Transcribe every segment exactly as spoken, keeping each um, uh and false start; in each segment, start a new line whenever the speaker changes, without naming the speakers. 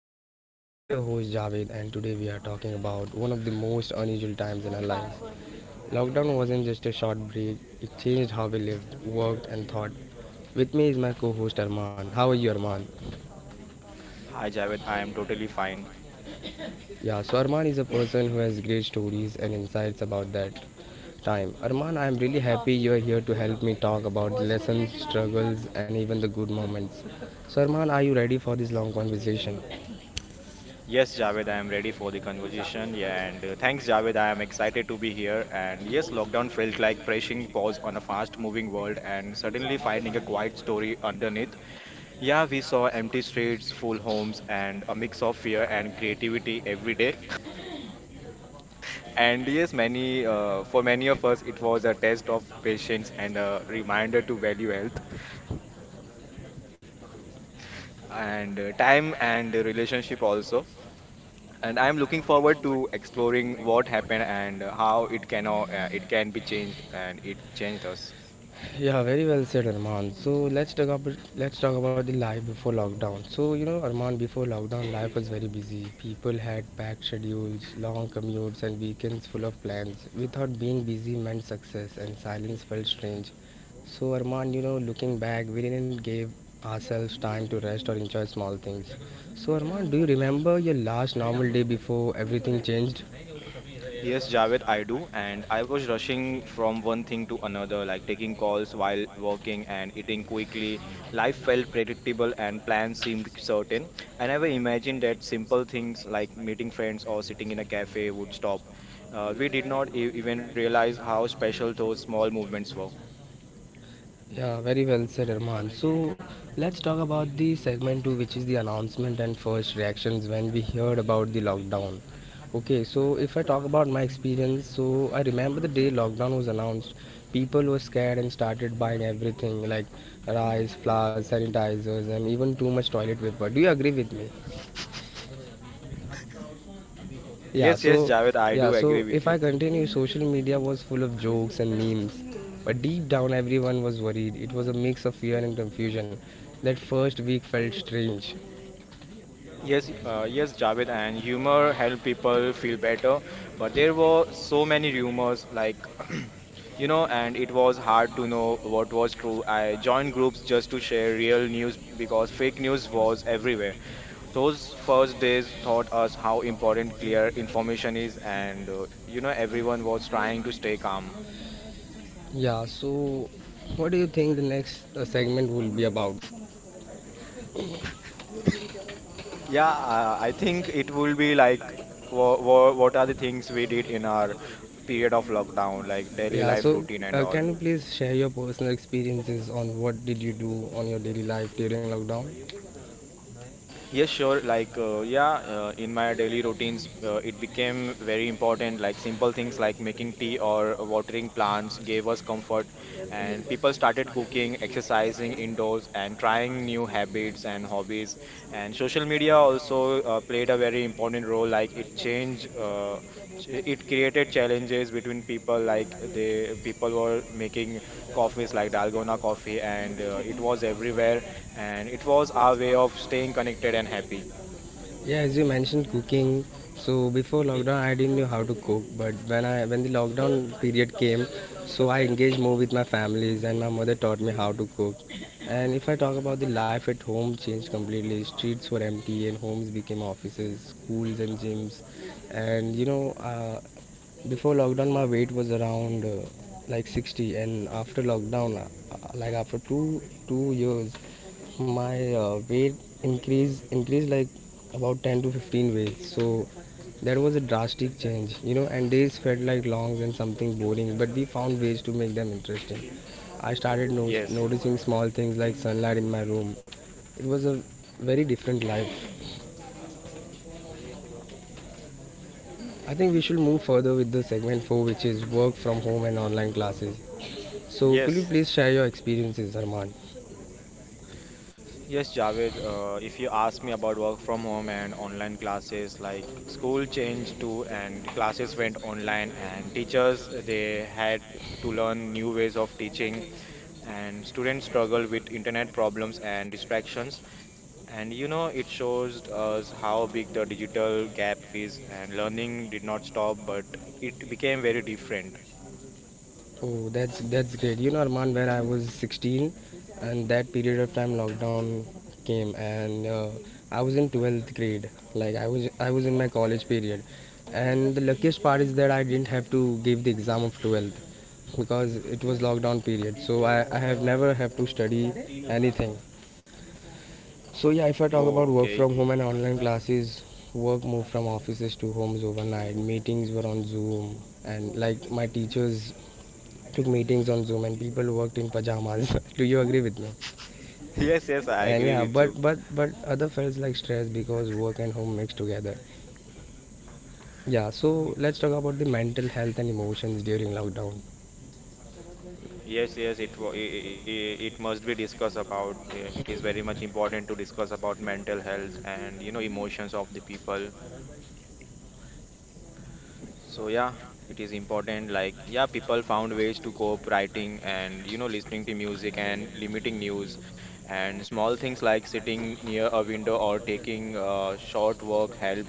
two thousand nineteen. I'm your host Javed and today we are talking about one of the most unusual times in our lives. Lockdown wasn't just a short break, it changed how we lived, worked and thought. With me is my co-host Arman. How are you, Arman?
Hi Javed, I am totally fine.
Yeah, so Arman is a person who has great stories and insights about that time. Arman, I'm really happy you're here to help me talk about the lessons, struggles and even the good moments. So Arman, are you ready for this long conversation?
Yes, Javed, I am ready for the conversation. Yeah, and uh, thanks, Javed. I am excited to be here. And yes, lockdown felt like pressing pause on a fast-moving world and suddenly finding a quiet story underneath. Yeah, we saw empty streets, full homes, and a mix of fear and creativity every day. And yes, many uh, for many of us, it was a test of patience and a reminder to value health and uh, time and relationship also. And I'm looking forward to exploring what happened and how it can uh, it can be changed and it changed us.
Yeah, very well said, Arman. So let's talk about let's talk about the life before lockdown. So you know, Arman, before lockdown, life was very busy. People had packed schedules, long commutes, and weekends full of plans. We thought being busy meant success, and silence felt strange. So Arman, you know, looking back, we didn't give ourselves time to rest or enjoy small things. So Arman, do you remember your last normal day before everything changed?
Yes, Javed, I do. And I was rushing from one thing to another, like taking calls while working and eating quickly. Life felt predictable and plans seemed certain. I never imagined that simple things like meeting friends or sitting in a cafe would stop. Uh, we did not e even realize how special those small movements were.
Yeah, very well said, Armal. So let's talk about the segment two, which is the announcement and first reactions when we heard about the lockdown. Okay, so if I talk about my experience, so I remember the day lockdown was announced, people were scared and started buying everything like rice, flour, sanitizers, and even too much toilet paper. Do you agree with me? Yeah,
Yes, yes,
so
Javed, I do
yeah
agree
so
with
if
you.
I continue, social media was full of jokes and memes, but deep down everyone was worried. It was a mix of fear and confusion. That first week felt strange.
Yes, uh, yes, Javed, and humor help people feel better. But there were so many rumors, like, you know, and it was hard to know what was true. I joined groups just to share real news because fake news was everywhere. Those first days taught us how important clear information is, and uh, you know, everyone was trying to stay calm.
Yeah, so what do you think the next uh, segment will be about?
Yeah, uh, I think it will be like, wha wha what are the things we did in our period of lockdown, like daily
Yeah,
life
so
routine and
uh,
all.
can you please share your personal experiences on what did you do on your daily life during lockdown?
Yes, sure. Like, uh, yeah, uh, in my daily routines, uh, it became very important. Like, simple things like making tea or watering plants gave us comfort. And people started cooking, exercising indoors, and trying new habits and hobbies. And social media also uh, played a very important role. Like, it changed, uh, ch- it created challenges between people. Like, they people were making coffees like Dalgona coffee, and uh, it was everywhere, and it was our way of staying connected and happy.
Yeah, as you mentioned cooking, so before lockdown I didn't know how to cook, but when I when the lockdown period came, so I engaged more with my families and my mother taught me how to cook. And if I talk about the life at home, changed completely. Streets were empty and homes became offices, schools and gyms. And you know, uh, before lockdown, my weight was around uh, like sixty, and after lockdown, uh, like after two two years, my uh, weight increased increased like about ten to fifteen weights. So that was a drastic change, you know. And days felt like longs and something boring, but we found ways to make them interesting. I started no-
Yes,
noticing small things like sunlight in my room. It was a very different life. I think we should move further with the segment four, which is work from home and online classes. So could you
yes.
please share your experiences, Arman?
Yes, Javed. Uh, if you ask me about work from home and online classes, like school changed too, and classes went online, and teachers uh, they had to learn new ways of teaching, and students struggle with internet problems and distractions. And you know, it shows us how big the digital gap is, and learning did not stop, but it became very different.
Oh, that's that's great. You know, Arman, when I was sixteen, and that period of time lockdown came, and uh, I was in twelfth grade. Like I was I was in my college period, and the luckiest part is that I didn't have to give the exam of twelfth because it was lockdown period. So I, I have never have to study anything. So yeah, if I talk
Oh,
about work
okay.
from home and online classes, work moved from offices to homes overnight. Meetings were on Zoom, and like my teachers took meetings on Zoom, and people worked in pajamas. Do you agree with me?
Yes, yes, I
And
agree
yeah,
with you.
but but but other felt like stress because work and home mixed together. Yeah, so let's talk about the mental health and emotions during lockdown.
Yes, yes, it wa- I- I- I- it must be discussed about. uh, It is very much important to discuss about mental health and you know emotions of the people. So yeah, it is important. Like yeah, people found ways to cope writing and you know listening to music and limiting news, and small things like sitting near a window or taking a short walk helped,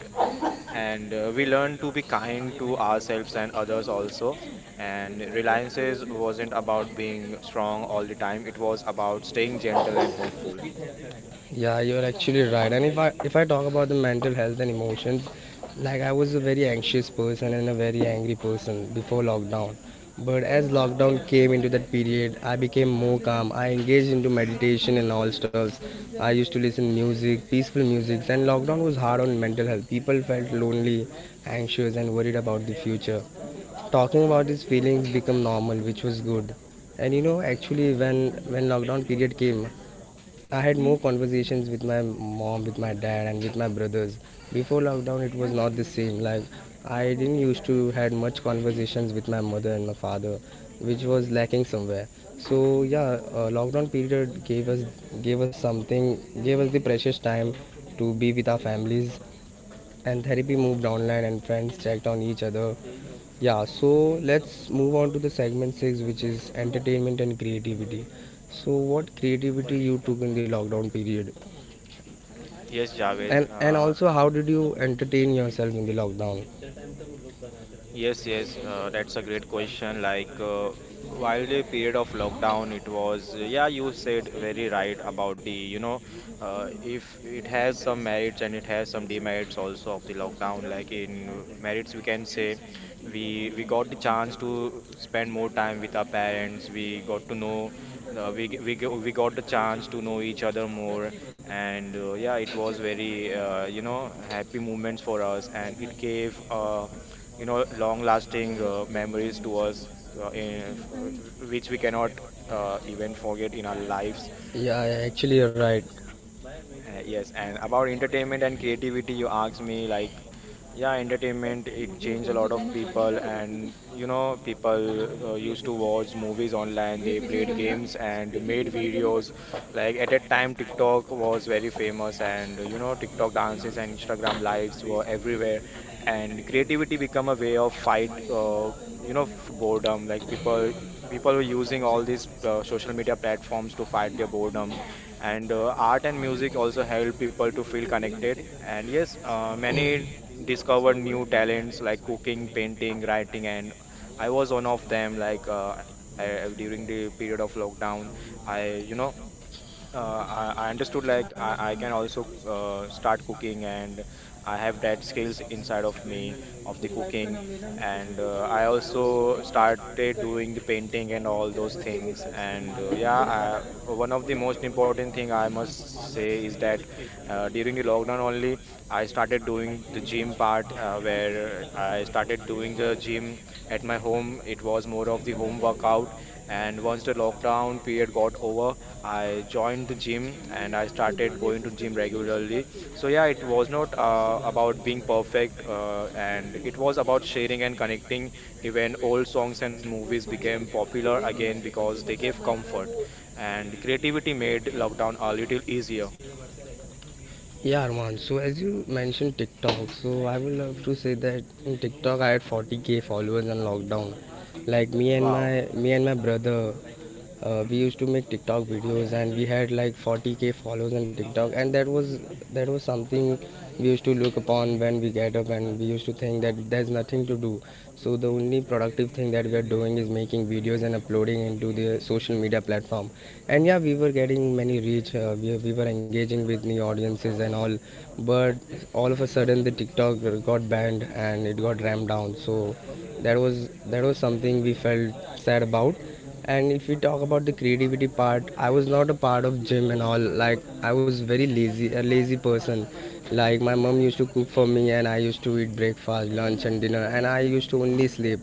and uh, we learned to be kind to ourselves and others also, and reliances wasn't about being strong all the time, it was about staying gentle and hopeful.
Yeah, you're actually right. And if I if I talk about the mental health and emotions, like I was a very anxious person and a very angry person before lockdown. But as lockdown came into that period, I became more calm. I engaged into meditation and all stuffs. I used to listen music, peaceful music. And lockdown was hard on mental health. People felt lonely, anxious, and worried about the future. Talking about these feelings become normal, which was good. And you know, actually, when when lockdown period came, I had more conversations with my mom, with my dad, and with my brothers. Before lockdown, it was not the same. Like I didn't used to had much conversations with my mother and my father, which was lacking somewhere. So yeah, uh, lockdown period gave us gave us something, gave us the precious time to be with our families. And therapy moved online, and friends checked on each other. Yeah, so let's move on to the segment six, which is entertainment and creativity. So, what creativity you took in the lockdown period,
Yes, Javed.
and and
uh,
also how did you entertain yourself in the lockdown?
Yes, yes, uh, that's a great question. Like, uh, while the period of lockdown, it was, uh, yeah, you said very right about the, you know, uh, if it has some merits and it has some demerits also of the lockdown. Like in uh, merits, we can say we we got the chance to spend more time with our parents. We got to know, uh, we g- we go- We got the chance to know each other more, and uh, yeah, it was very, uh, you know, happy moments for us, and it gave. Uh, you know, long-lasting uh, memories to us, uh, in, uh, which we cannot uh, even forget in our lives.
Yeah, yeah, actually you're right.
Uh, yes, and about entertainment and creativity, you asked me like, yeah, entertainment, it changed a lot of people, and you know, people uh, used to watch movies online, they played games and made videos. Like at that time, TikTok was very famous, and you know, TikTok dances and Instagram lives were everywhere, and creativity become a way of fight, uh, you know, f- boredom. Like people, people were using all these uh, social media platforms to fight their boredom, and uh, art and music also help people to feel connected, and yes, uh, many discover new talents like cooking, painting, writing. And i was one of them. Like uh, I, I- during the period of lockdown, i you know uh, I, I understood like I, I can also uh, start cooking, and I have that skills inside of me of the cooking. And uh, I also started doing the painting and all those things. And uh, yeah, I, one of the most important thing I must say is that uh, during the lockdown only I started doing the gym part. Uh, where I started doing the gym at my home, it was more of the home workout. And once the lockdown period got over, I joined the gym and I started going to gym regularly. So yeah, it was not uh, about being perfect, uh, and it was about sharing and connecting. Even old songs and movies became popular again because they gave comfort, and creativity made lockdown a little easier.
Yeah, Arman. So as you mentioned TikTok, so I would love to say that in TikTok I had forty k followers on lockdown. Like me and my
Wow.
me and my brother, uh, we used to make TikTok videos and we had like forty k followers on TikTok, and that was that was something we used to look upon when we get up, and we used to think that there's nothing to do. So the only productive thing that we are doing is making videos and uploading into the social media platform. And yeah, we were getting many reach, uh, we, we were engaging with new audiences and all. But all of a sudden the TikTok got banned and it got rammed down. So that was that was something we felt sad about. And if we talk about the creativity part, I was not a part of gym and all. Like I was very lazy, a lazy person. Like my mom used to cook for me, and I used to eat breakfast, lunch, and dinner, and I used to only sleep.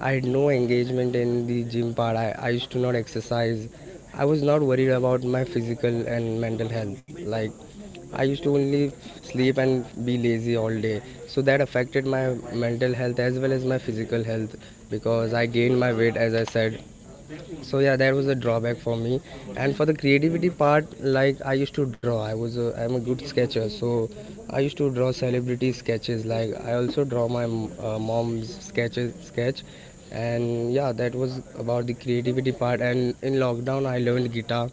I had no engagement in the gym part. I, I used to not exercise. I was not worried about my physical and mental health. Like I used to only sleep and be lazy all day. So that affected my mental health as well as my physical health, because I gained my weight as I said. So yeah, that was a drawback for me. And for the creativity part, like I used to draw. i was a, I'm a good sketcher, so I used to draw celebrity sketches. Like I also draw my uh, mom's sketches sketch. And yeah, that was about the creativity part. And in lockdown I learned guitar.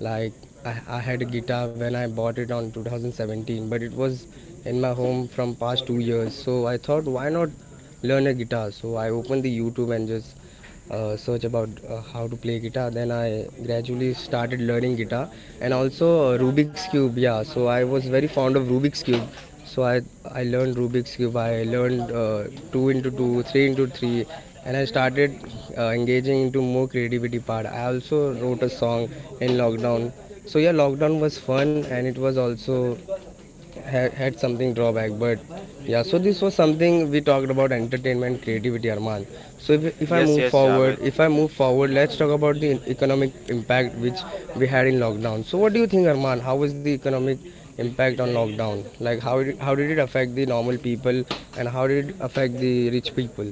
Like I, I had a guitar when I bought it on two thousand seventeen, but it was in my home from past two years, so I thought, why not learn a guitar? So I opened the YouTube and just uh, search about uh, how to play guitar. Then I gradually started learning guitar, and also uh, Rubik's cube. Yeah, so I was very fond of Rubik's cube. So I I learned Rubik's cube. I learned uh, two into two, three into three, and I started uh, engaging into more creativity part. I also wrote a song in lockdown. So yeah, lockdown was fun and it was also had something drawback. But yeah, so this was something we talked about, entertainment creativity, Arman. So if, if i
Yes,
move
yes, Javed.
forward if i move forward let's talk about the economic impact which we had in lockdown. So what do you think, Arman, how was the economic impact on lockdown? Like how did, how did it affect the normal people, and how did it affect the rich people?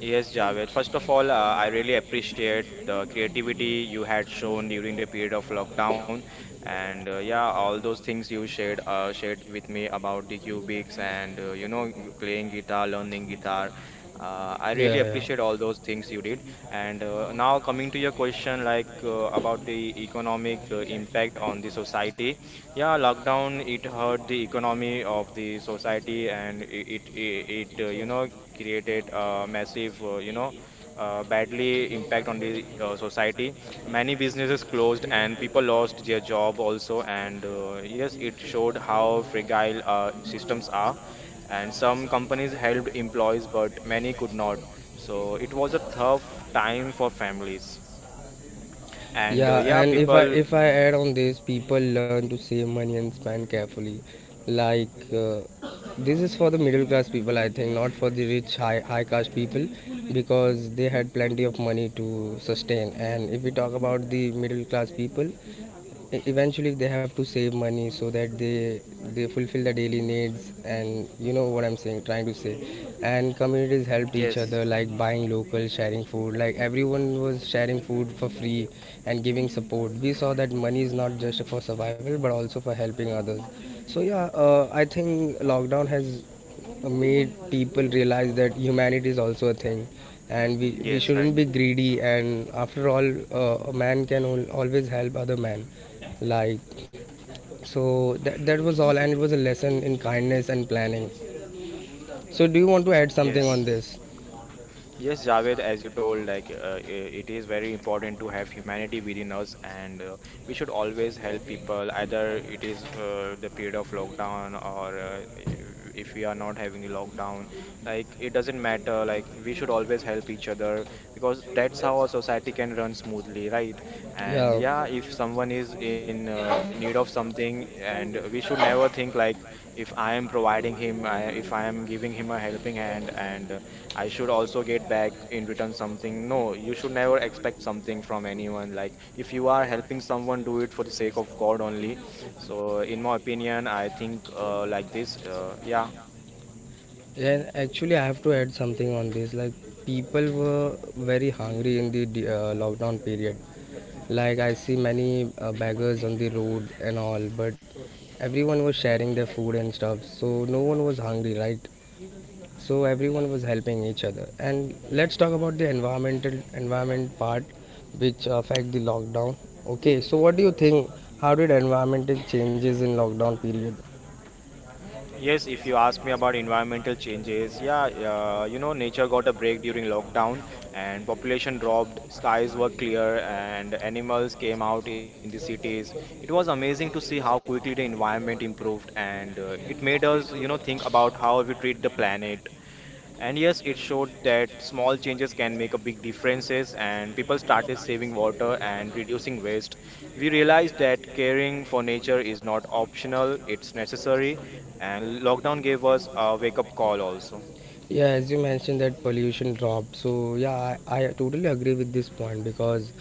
Yes, Javed. First of all, uh, I really appreciate the creativity you had shown during the period of lockdown, and uh, yeah, all those things you shared uh, shared with me about the cubics and uh, you know g- playing guitar, learning guitar. Uh, I really
Yeah, yeah.
appreciate all those things you did. And uh, now coming to your question, like uh, about the economic uh, impact on the society. Yeah, lockdown it hurt the economy of the society, and it it, it uh, you know created a massive, uh, you know, uh, badly impact on the uh, society. Many businesses closed and people lost their job also. And uh, yes, it showed how fragile uh, systems are. And some companies helped employees, but many could not. So it was a tough time for families. And uh,
Yeah,
yeah,
and if I
people,
if I add on this, people learn to save money and spend carefully. Like uh, this is for the middle class people, I think, not for the rich high high caste people, because they had plenty of money to sustain. And if we talk about the middle class people, E- eventually they have to save money so that they they fulfill their daily needs and you know what I'm saying trying to say and communities helped each
yes,
other, like buying local, sharing food. Like everyone was sharing food for free and giving support. We saw that money is not just for survival, but also for helping others. So yeah, uh, I think lockdown has made people realize that humanity is also a thing, and we, we
yes, right,
shouldn't be greedy. And after all, uh, a man can al- always help other man. Like, so that, that was all, and it was a lesson in kindness and planning. So do you want to add something on
yes.
this?
Yes, Javed, as you told, like uh, i- it is very important to have humanity within us, and uh, we should always help people. Either it is uh, the period of lockdown, or uh, i- if we are not having the lockdown, like it doesn't matter. Like we should always help each other because that's how a society can run smoothly, right? And
Yeah,
yeah, if someone is in uh, need of something, and we should never think like if I am providing him, I, if I am giving him a helping hand, and I should also get back in return something. No, you should never expect something from anyone. Like, if you are helping someone, do it for the sake of God only. So, in my opinion, I think uh, like this. Uh, yeah.
yeah, actually I have to add something on this. Like people were very hungry in the uh, lockdown period. Like I see many uh, beggars on the road and all, but everyone was sharing their food and stuff, so no one was hungry, right? So everyone was helping each other. And let's talk about the environmental environment part which affect the lockdown. Okay, so what do you think? How did environmental changes in lockdown period?
Yes, if you ask me about environmental changes, yeah, uh, you know, nature got a break during lockdown, and population dropped, skies were clear, and animals came out in the cities. It was amazing to see how quickly the environment improved, and uh, it made us, you know, think about how we treat the planet. And yes, it showed that small changes can make a big differences, and people started saving water and reducing waste. We realized that caring for nature is not optional, it's necessary, and lockdown gave us a wake up call also.
Yeah, as you mentioned that pollution dropped, so yeah, i, I totally agree with this point, because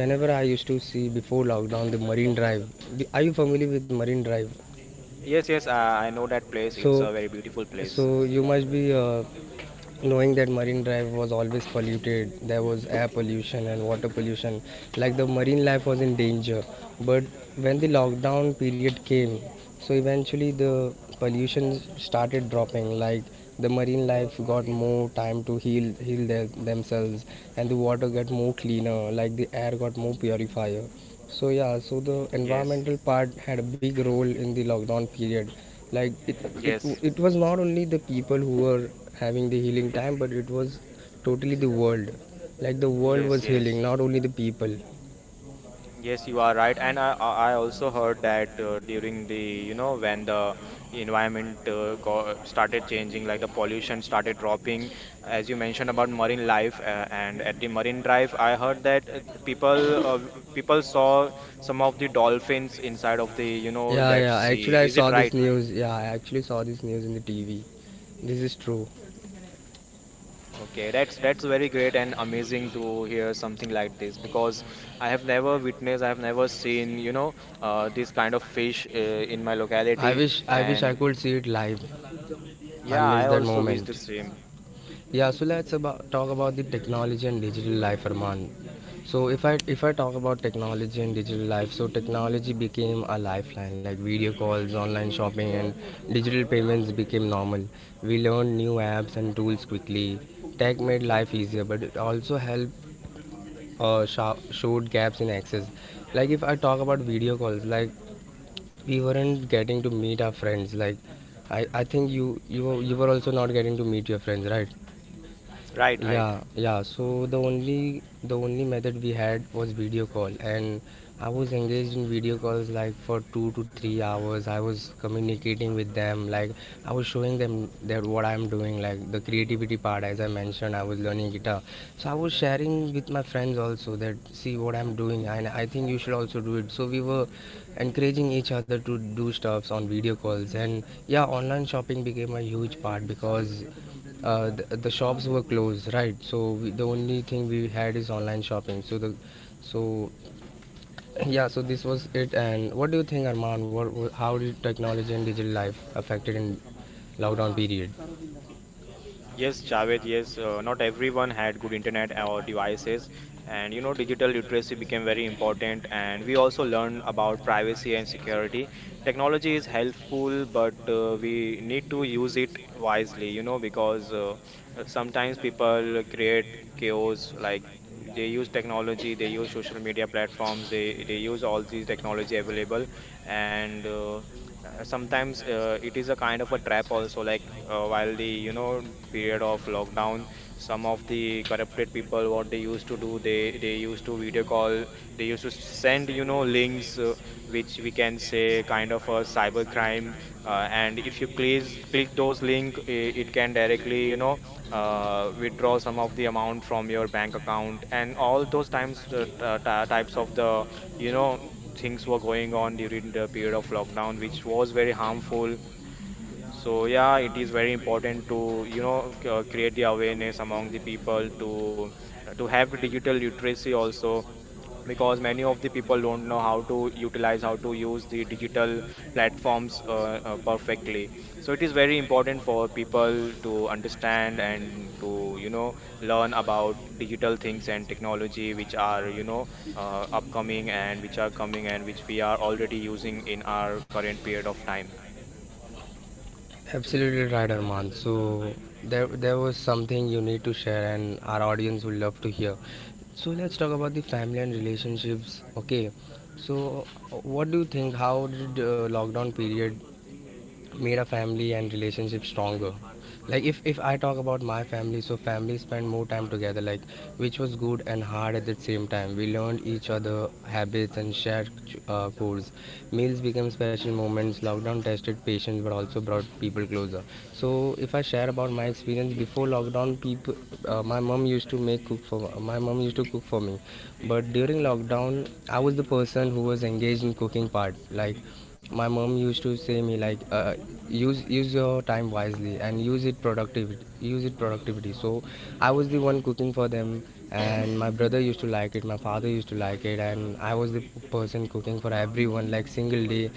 whenever I used to see before lockdown, the Marine Drive, are you familiar with Marine Drive?
Yes, yes, uh, I know that place. It's
So,
a very beautiful place.
so you must be uh, knowing that Marine Drive was always polluted. There was air pollution and water pollution, like the marine life was in danger. But when the lockdown period came, so eventually the pollution started dropping. Like the marine life got more time to heal heal their, themselves, and the water got more cleaner, like the air got more purifier. So yeah, so the
Yes.
environmental part had a big role in the lockdown period. Like it, it,
Yes.
it was not only the people who were having the healing time, but it was totally the world. Like the world
Yes,
was healing,
yes.
not only the people.
Yes, you are right, and I I I also heard that uh, during the you know when the environment uh, got started changing, like the pollution started dropping, as you mentioned about marine life, uh, and at the marine drive, I heard that uh, people uh, people saw some of the dolphins inside of the you know
Yeah,
that
yeah.
sea.
Actually, I
Is it
saw this
right?
news. Yeah, I actually saw this news in the T V. This is true.
Okay, that's that's very great and amazing to hear something like this because I have never witnessed, I have never seen, you know, uh, this kind of fish uh, in my
I
locality,
wish, I wish I
and
could see it live. I
yeah,
miss
I
that
also wish the
moment.
same.
Yeah, so let's about, talk about the technology and digital life, Arman. So if I if I talk about technology and digital life, so technology became a lifeline. Like video calls, online shopping, and digital payments became normal. We learned new apps and tools quickly. Tech made life easier, but it also helped uh, sho- showed gaps in access. Like if I talk about video calls, like we weren't getting to meet our friends. Like I, I think you you you were also not getting to meet your friends, right?
Right,
Right?
right.
Yeah, yeah. So the only the only method we had was video call, and I was engaged in video calls like for two to three hours. I was communicating with them, like I was showing them that what I'm doing, like the creativity part. As I mentioned, I was learning guitar, so I was sharing with my friends also that see what I'm doing, and I think you should also do it. So we were encouraging each other to do stuffs on video calls. And yeah, online shopping became a huge part, because uh, the, the shops were closed, right? So we, the only thing we had is online shopping. So the, so yeah, so this was it. And what do you think, Arman? What, what, how did technology and digital life affected in lockdown period?
Yes, Javed, yes, uh, not everyone had good internet or devices, and you know, digital literacy became very important, and we also learned about privacy and security. Technology is helpful, but uh, we need to use it wisely, you know, because uh, uh, sometimes people create chaos, like they use technology, they use social media platforms, they they use all these technology available, and uh, uh, sometimes uh, it is a kind of a trap also like uh, while the you know period of lockdown some of the corrupted people what they used to do they they used to video call they used to send you know links uh, which we can say kind of a cyber crime, uh, and if you click click those link, it, it can directly you know uh, withdraw some of the amount from your bank account. And all those times uh, t- uh, ty- types of the you know things were going on during the period of lockdown, which was very harmful. So yeah, it is very important to you know c- uh, create the awareness among the people to to have the digital literacy also, because many of the people don't know how to utilize how to use the digital platforms uh, uh, perfectly. So it is very important for people to understand and to you know learn about digital things and technology which are you know uh, upcoming and which are coming and which we are already using in our current period of time.
Absolutely right, Arman. So there, there was something you need to share, and our audience would love to hear. So let's talk about the family and relationships. Okay, so what do you think? How did uh, lockdown period made a family and relationship stronger? Like if, if I talk about my family, so family spent more time together, like which was good and hard at the same time. We learned each other habits and shared uh, goals. Meals became special moments. Lockdown tested patience but also brought people closer. So if I share about my experience before lockdown, people, uh, my mom used to make cook for my mom used to cook for me. But during lockdown, I was the person who was engaged in cooking part. Like my mom used to say me like uh, use use your time wisely and use it productivity, use it productivity. So I was the one cooking for them, and my brother used to like it, my father used to like it, and I was the p- person cooking for everyone, like single day.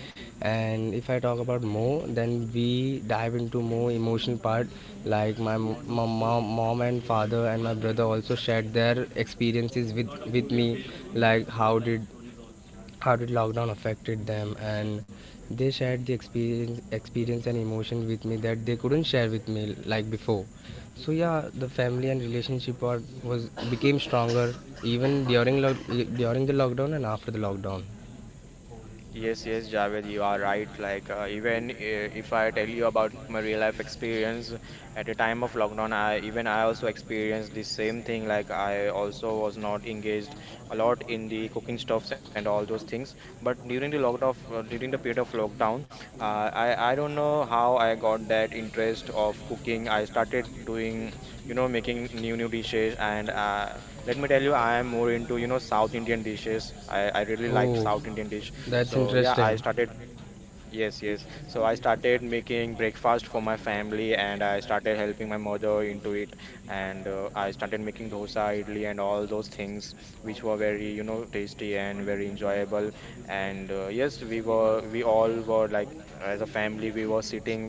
And if I talk about more, then we dive into more emotional part. Like my, m- my mom, mom and father and my brother also shared their experiences with with me, like how did, how did lockdown affected them. And they shared the experience experience and emotion with me that they couldn't share with me like before. So yeah, the family and relationship part was became stronger, even during lo- during the lockdown and after the lockdown.
Yes, yes, Javed, you are right. Like, uh, even uh, if I tell you about my real life experience at the time of lockdown, I even I also experienced the same thing. Like, I also was not engaged a lot in the cooking stuffs and all those things. But during the lockdown, uh, during the period of lockdown, uh, I I don't know how I got that interest of cooking. I started doing, you know, making new new dishes, and uh, let me tell you, I am more into, you know, South Indian dishes. I I really like South
Oh,
Indian dish, so
that's
yeah, I
interesting.
started. Yes, yes. So I started making breakfast for my family, and I started helping my mother into it. And uh, I started making dosa, idli, and all those things, which were very, you know, tasty and very enjoyable. And uh, yes, we were, we all were like, as a family, we were sitting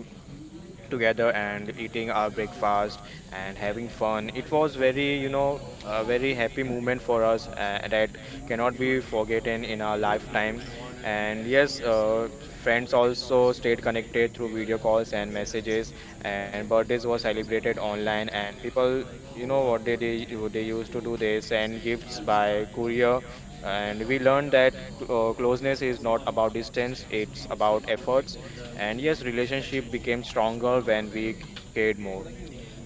together and eating our breakfast and having fun. It was very, you know, a very happy moment for us uh, that cannot be forgotten in our lifetime. And yes, uh, friends also stayed connected through video calls and messages, and birthdays were celebrated online, and people. You know what they they they used to do? They send gifts by courier, and we learned that uh, closeness is not about distance; it's about efforts, and yes, relationship became stronger when we cared more.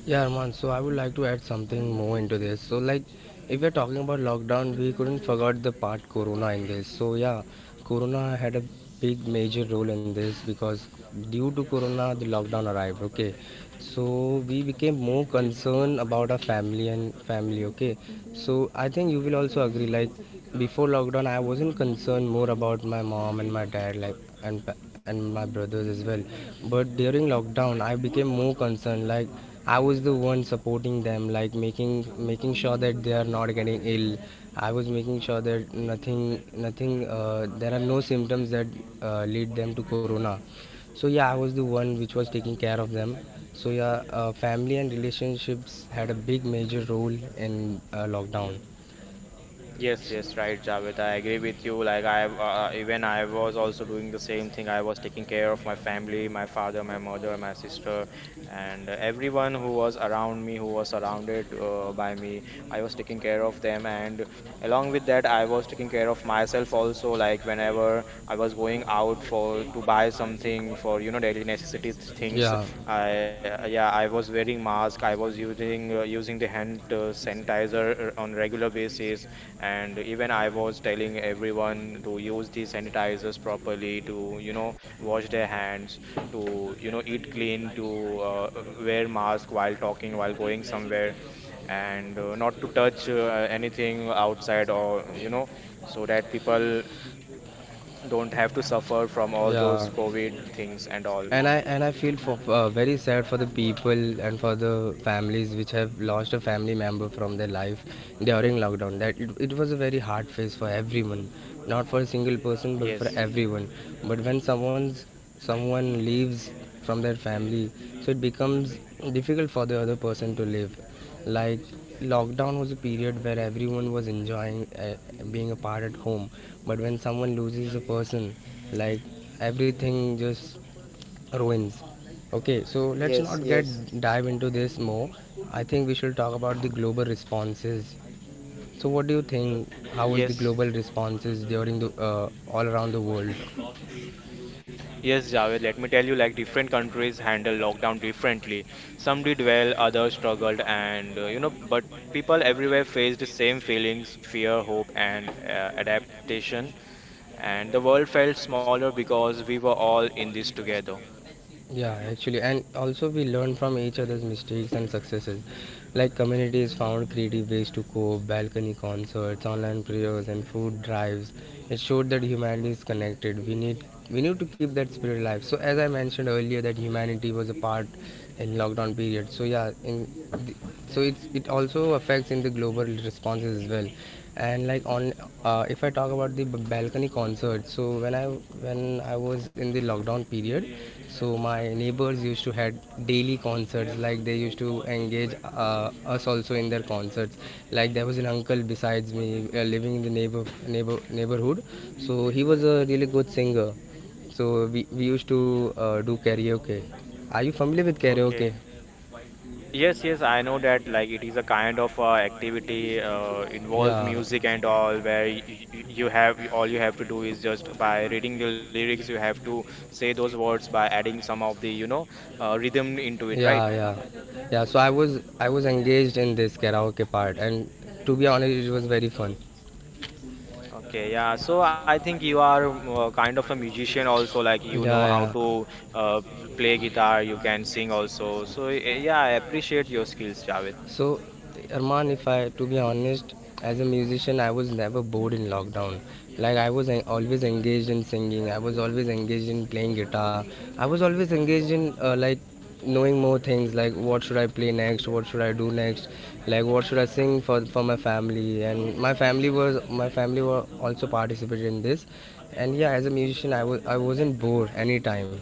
Yeah, Arman, so I would like to add something more into this. So, like, if we're talking about lockdown, we couldn't forget the part Corona in this. So yeah, Corona had a big major role in this, because due to Corona, the lockdown arrived. Okay, so we became more concerned about our family and family. Okay, so I think you will also agree. Like before lockdown, I wasn't concerned more about my mom and my dad, like, and pa- and my brothers as well. But during lockdown, I became more concerned. Like I was the one supporting them, like making making sure that they are not getting ill. I was making sure that nothing nothing, uh, there are no symptoms that uh, lead them to Corona. So yeah, I was the one which was taking care of them. So yeah, uh, family and relationships had a big major role in uh, lockdown.
Yes, yes, right, Javed. I agree with you. Like I, uh, uh, even I was also doing the same thing. I was taking care of my family, my father, my mother, my sister, and everyone who was around me, who was surrounded uh, by me. I was taking care of them, and along with that, I was taking care of myself also. Like whenever I was going out for to buy something for you know daily necessity th- things, I yeah, I was wearing mask. I was using uh, using the hand uh, sanitizer uh, on regular basis, and even I was telling everyone to use the sanitizers properly, to you know wash their hands, to you know eat clean, to uh, wear mask while talking, while going somewhere, and uh, not to touch uh, anything outside or you know, so that people don't have to suffer from all those
Yeah.
COVID things and all.
and i and i feel for, uh, very sad for the people and for the families which have lost a family member from their life during lockdown. That it, it was a very hard phase for everyone, not for a single person but
Yes,
for everyone. But when someone's, someone leaves from their family, so it becomes difficult for the other person to live. Like lockdown was a period where everyone was enjoying uh, being apart at home. But when someone loses a person, like everything just ruins. Okay, so let's not
yes,
get
yes,
dive into this more. I think we should talk about the global responses. So what do you think?
yes.
How was the global responses during the uh, all around the world?
Yes, Javed, let me tell you, like different countries handle lockdown differently. Some did well, others struggled, and uh, you know, but people everywhere faced the same feelings, fear, hope, and uh, adaptation. And the world felt smaller because we were all in this together.
Yeah, actually, and also we learn from each other's mistakes and successes. Like communities found creative ways to cope, balcony concerts, online prayers, and food drives. It showed that humanity is connected. We need we need to keep that spirit alive. So as I mentioned earlier, that humanity was a part in lockdown period. So yeah, in the, so it's it also affects in the global responses as well. And like on, uh, if I talk about the b- balcony concert, so when I when I was in the lockdown period, so my neighbors used to had daily concerts. Like they used to engage uh, us also in their concerts. Like there was an uncle besides me uh, living in the neighbor, neighbor neighborhood. So he was a really good singer. So we, we used to uh, do karaoke. Are you familiar with
Okay.
karaoke?
Yes, yes, I know that, like it is a kind of uh, activity uh, involve
Yeah,
music and all, where y y- you have, all you have to do is just by reading the lyrics you have to say those words by adding some of the you know uh, rhythm into
right.
it, right?
Yeah, yeah, yeah. So I was I was engaged in this karaoke part, and to be honest, it was very fun.
Okay, yeah. So I think you are um, uh, kind of a musician also, like
Yeah,
you know how
yeah.
to uh, play guitar, you can sing also. So y- yeah, I appreciate your skills, Javed.
So, Arman, if I to be honest, as a musician, I was never bored in lockdown. Like I was always engaged in singing. I was always engaged in playing guitar. I was always engaged in uh, like knowing more things, like what should I play next, what should I do next, like what should I sing for for my family. And my family was, my family were also participated in this. And yeah, as a musician, i was i wasn't bored any time.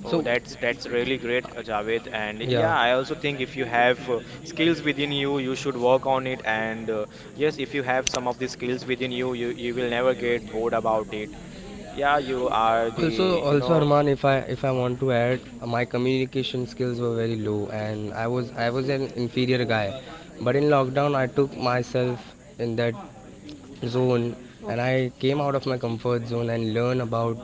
Oh,
So
that's that's really great, uh, Javed. And
yeah.
yeah, I also think if you have uh, skills within you, you should work on it. And uh, yes, if you have some of the skills within you, you you will never get bored about it. Yeah, you are the
Also,
you
also
know.
Arman, if I if I want to add, uh, my communication skills were very low, and I was I was an inferior guy. But in lockdown, I took myself in that zone, and I came out of my comfort zone and learn about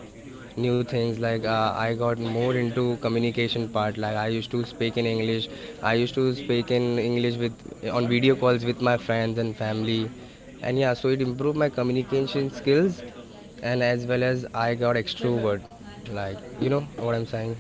new things. Like uh, I got more into communication part. Like I used to speak in English, I used to speak in English with, on video calls with my friends and family. And yeah, so it improved my communication skills, and as well as I got extrovert. Like you know what I'm saying?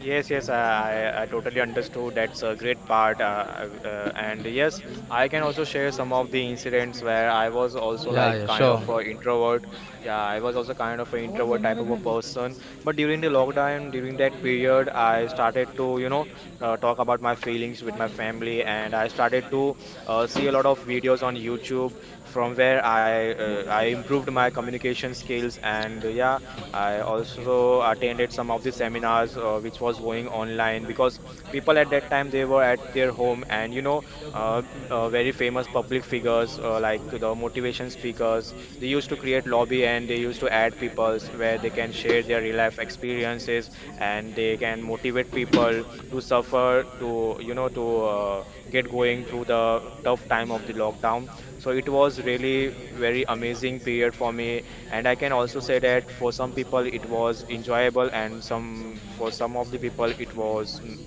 Yes, yes, I, I I totally understood. That's a great part. Uh, I- uh, and yes, I can also share some of the incidents where I was also
Yeah,
like
yeah,
kind of
sure.
a introvert. Yeah, I was also kind of an introvert type of a person. But during the lockdown, during that period, I started to, you know, uh, talk about my feelings with my family, and I started to uh, see a lot of videos on YouTube, from where I uh, I improved my communication skills. And uh, yeah, I also attended some of the seminars uh, which was going online, because people at that time they were at their home, and you know uh, m- uh, very famous public figures uh, like the motivation speakers, they used to create lobby and they used to add peoples where they can share their real life experiences and they can motivate people to suffer to you know to uh, get going through the tough time of the lockdown. So it was really very amazing period for me, and I can also say that for some people it was enjoyable, and some for some of the people it was n-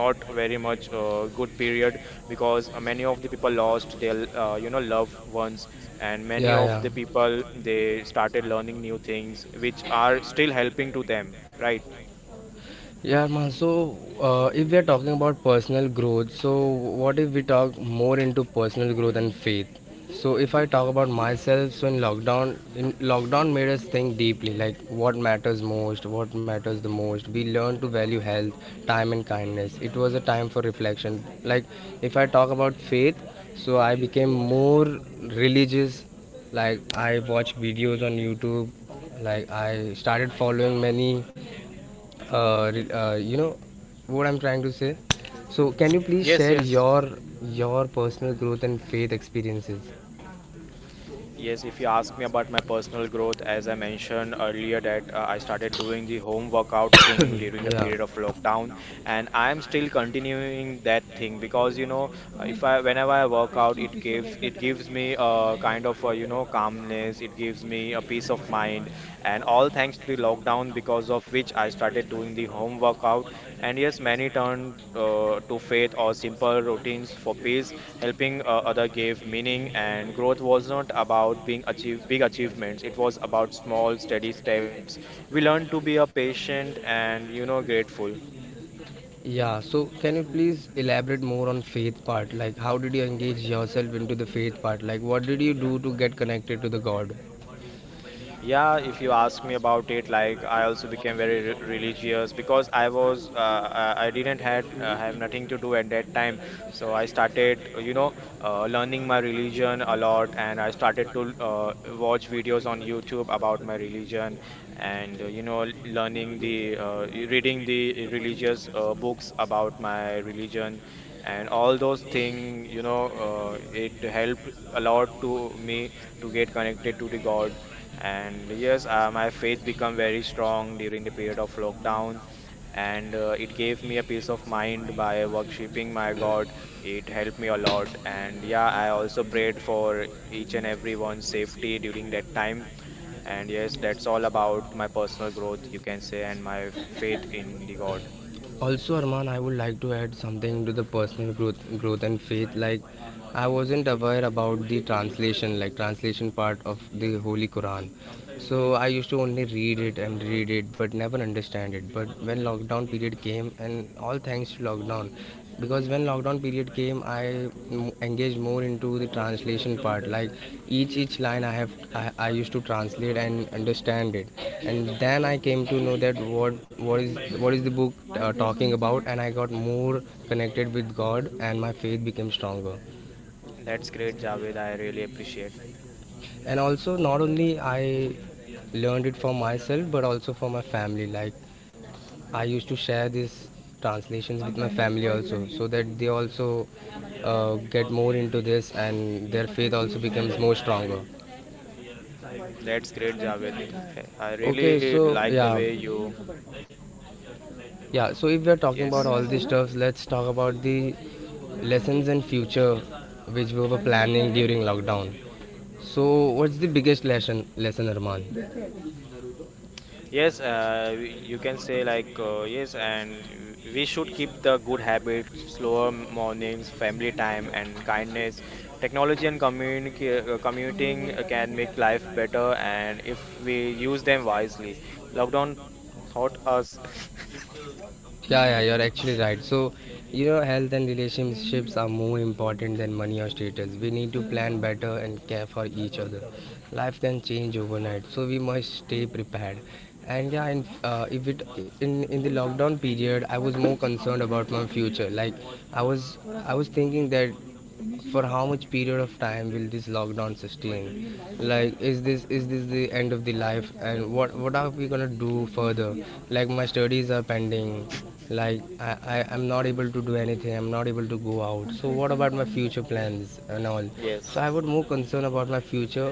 not very much uh, good period, because many of the people lost their uh, you know loved ones, and many
Yeah,
of
yeah.
the people they started learning new things which are still helping to them, right?
Yeah, man. So, uh, if we are talking about personal growth, so what if we talk more into personal growth and faith? So if I talk about myself, so in lockdown, in lockdown made us think deeply, like what matters most, what matters the most. We learned to value health, time, and kindness. It was a time for reflection. Like if I talk about faith, so I became more religious. Like I watched videos on YouTube. Like I started following many uh, re- uh, you know what I'm trying to say. So can you please
Yes,
share
yes.
your your personal growth and faith experiences?
Yes, if you ask me about my personal growth, as I mentioned earlier, that uh, I started doing the home workout thing during the
Yeah,
period of lockdown, and I'm still continuing that thing because you know, uh, if I whenever I work out, it gives it gives me a kind of uh, you know calmness, it gives me a peace of mind, and all thanks to the lockdown, because of which I started doing the home workout. And yes, many turned uh, to faith or simple routines for peace, helping uh, other gave meaning, and growth was not about being achieve big achievements, it was about small steady steps. We learned to be a patient and you know grateful.
yeah. So can you please elaborate more on faith part? Like how did you engage yourself into the faith part? Like what did you do to get connected to the God?
Yeah, if you ask me about it, like I also became very re religious, because I was uh, I I didn't had uh, have nothing to do at that time, so I started you know uh, learning my religion a lot, and I started to uh, watch videos on YouTube about my religion, and uh, you know learning the uh, reading the religious uh, books about my religion. And all those things, you know, uh, it helped a lot to me to get connected to the God. And yes, uh, my faith became very strong during the period of lockdown, and uh, it gave me a peace of mind by worshiping my God. It helped me a lot. And yeah, I also prayed for each and everyone's safety during that time. And yes, that's all about my personal growth, you can say, and my f- faith in the God.
Also, Arman, I would like to add something to the personal growth growth and faith. Like I wasn't aware about the translation, like translation part of the holy Quran. So I used to only read it and read it, but never understand it. But when lockdown period came, and all thanks to lockdown, because when lockdown period came, I engaged more into the translation part. Like each each line I have, I, I used to translate and understand it. And then I came to know that what what is what is the book uh, talking about. And I got more connected with God, and my faith became stronger.
That's great, Javed. I really appreciate.
And also, not only I learned it for myself, but also for my family. Like I used to share these translations with my family also, so that they also uh, get more into this, and their faith also becomes more stronger.
That's great, Javed. I, I really
Okay,
like
so
the way
yeah,
you,
yeah. So if we are talking
yes.
about all these stuffs, let's talk about the lessons and future which we were planning during lockdown. So what's the biggest lesson, lesson, Arman?
Yes, uh, y- you can say like uh, yes, and w- we should keep the good habits, slower mornings, family time, and kindness. Technology and communica- uh, commuting uh, can make life better, and if we use them wisely. Lockdown taught us.
Yeah, yeah, you're actually right. So you know, health and relationships are more important than money or status. We need to plan better and care for each other. Life can change overnight, so we must stay prepared. And yeah, in, uh, if it in in the lockdown period, I was more concerned about my future. Like I was I was thinking that for how much period of time will this lockdown sustain? Like is this is this the end of the life? And what what are we gonna do further? Like my studies are pending. Like I, I I'm not able to do anything. I'm not able to go out. So what about my future plans and all?
Yes.
So I was more concerned about my future,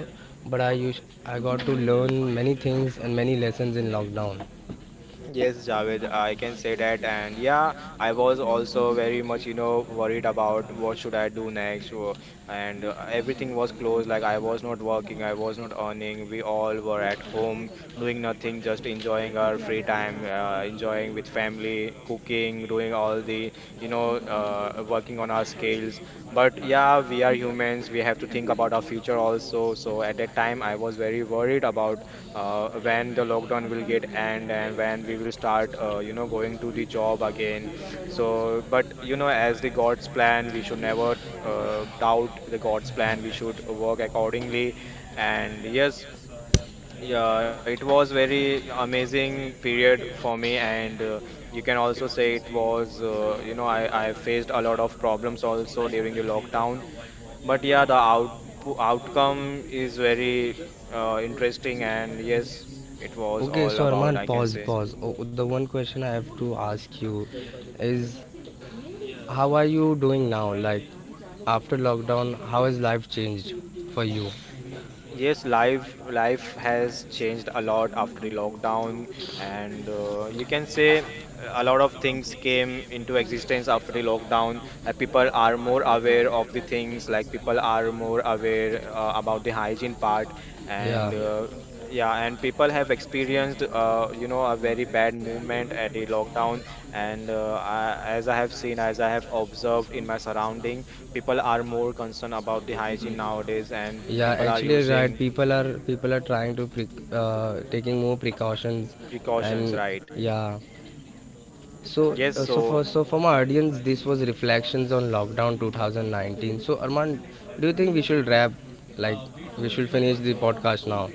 but I us I got to learn many things and many lessons in lockdown.
Yes, Javed, I can say that. And yeah, I was also very much, you know, worried about what should I do next. wo- And uh, everything was closed. Like I was not working, I was not earning. We all were at home doing nothing, just enjoying our free time, uh, enjoying with family, cooking, doing all the, you know, uh, working on our skills. But yeah, we are humans. We have to think about our future also. So at that time, I was very worried about uh, when the lockdown will get end
Yeah.
and when we will start uh, you know going to the job again. So but you know, as the God's plan, we should never uh, doubt the God's plan, we should work accordingly. And yes, yeah, it was very amazing period for me, and uh, you can also say it was uh, you know, I, I faced a lot of problems also during the lockdown, but yeah, the out outcome is very uh, interesting, and yes, it was
Okay,
all
so
about,
Arman,
I can
pause,
say.
pause. Oh, the one question I have to ask you is, how are you doing now? Like after lockdown, how has life changed for you?
Yes, life life has changed a lot after the lockdown, and uh, you can say uh, a lot of things came into existence after the lockdown. Like people are more aware of the things, like people are more aware uh, about the hygiene part,
Yeah,
and uh, yeah, and people have experienced uh, you know a very bad movement at the lockdown, and uh, I, as I have seen, as I have observed in my surrounding, people are more concerned about the hygiene nowadays, and
yeah.
people are
Actually, right.
using
People are people are trying to pre- uh, taking more precautions,
precautions,
and
right?
yeah. So
Yes,
uh, so
so
for so for my audience, this was reflections on lockdown twenty nineteen. So Arman, do you think we should wrap? Like, we should finish the podcast now?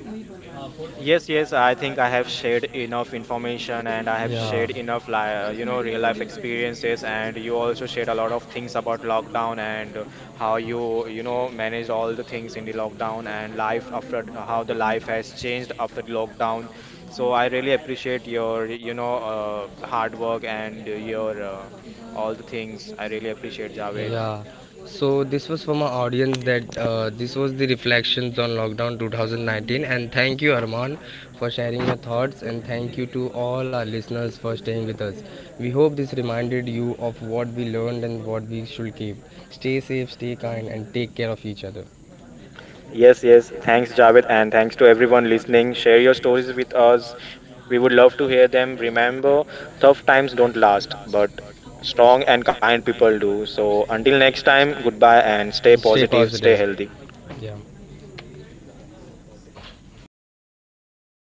yes, yes, I think I have shared enough information and I have
Yeah.
shared enough, li uh, you know, real life experiences. And you also shared a lot of things about lockdown and uh, how you, you know, manage all the things in the lockdown, and life after how the life has changed after the lockdown. So I really appreciate your, you know, uh, hard work and your uh, all the things. I really appreciate, Javed.
Yeah. So this was from our audience that uh, this was the reflections on lockdown twenty nineteen, and thank you, Arman, for sharing your thoughts, and thank you to all our listeners for staying with us. We hope this reminded you of what we learned and what we should keep. Stay safe, stay kind, and take care of each other.
Yes, yes. Thanks, Javed, and thanks to everyone listening. Share your stories with us. We would love to hear them. Remember, tough times don't last, but strong and kind people do. So, until next time, goodbye and stay positive, stay
Healthy.
healthy.
Yeah.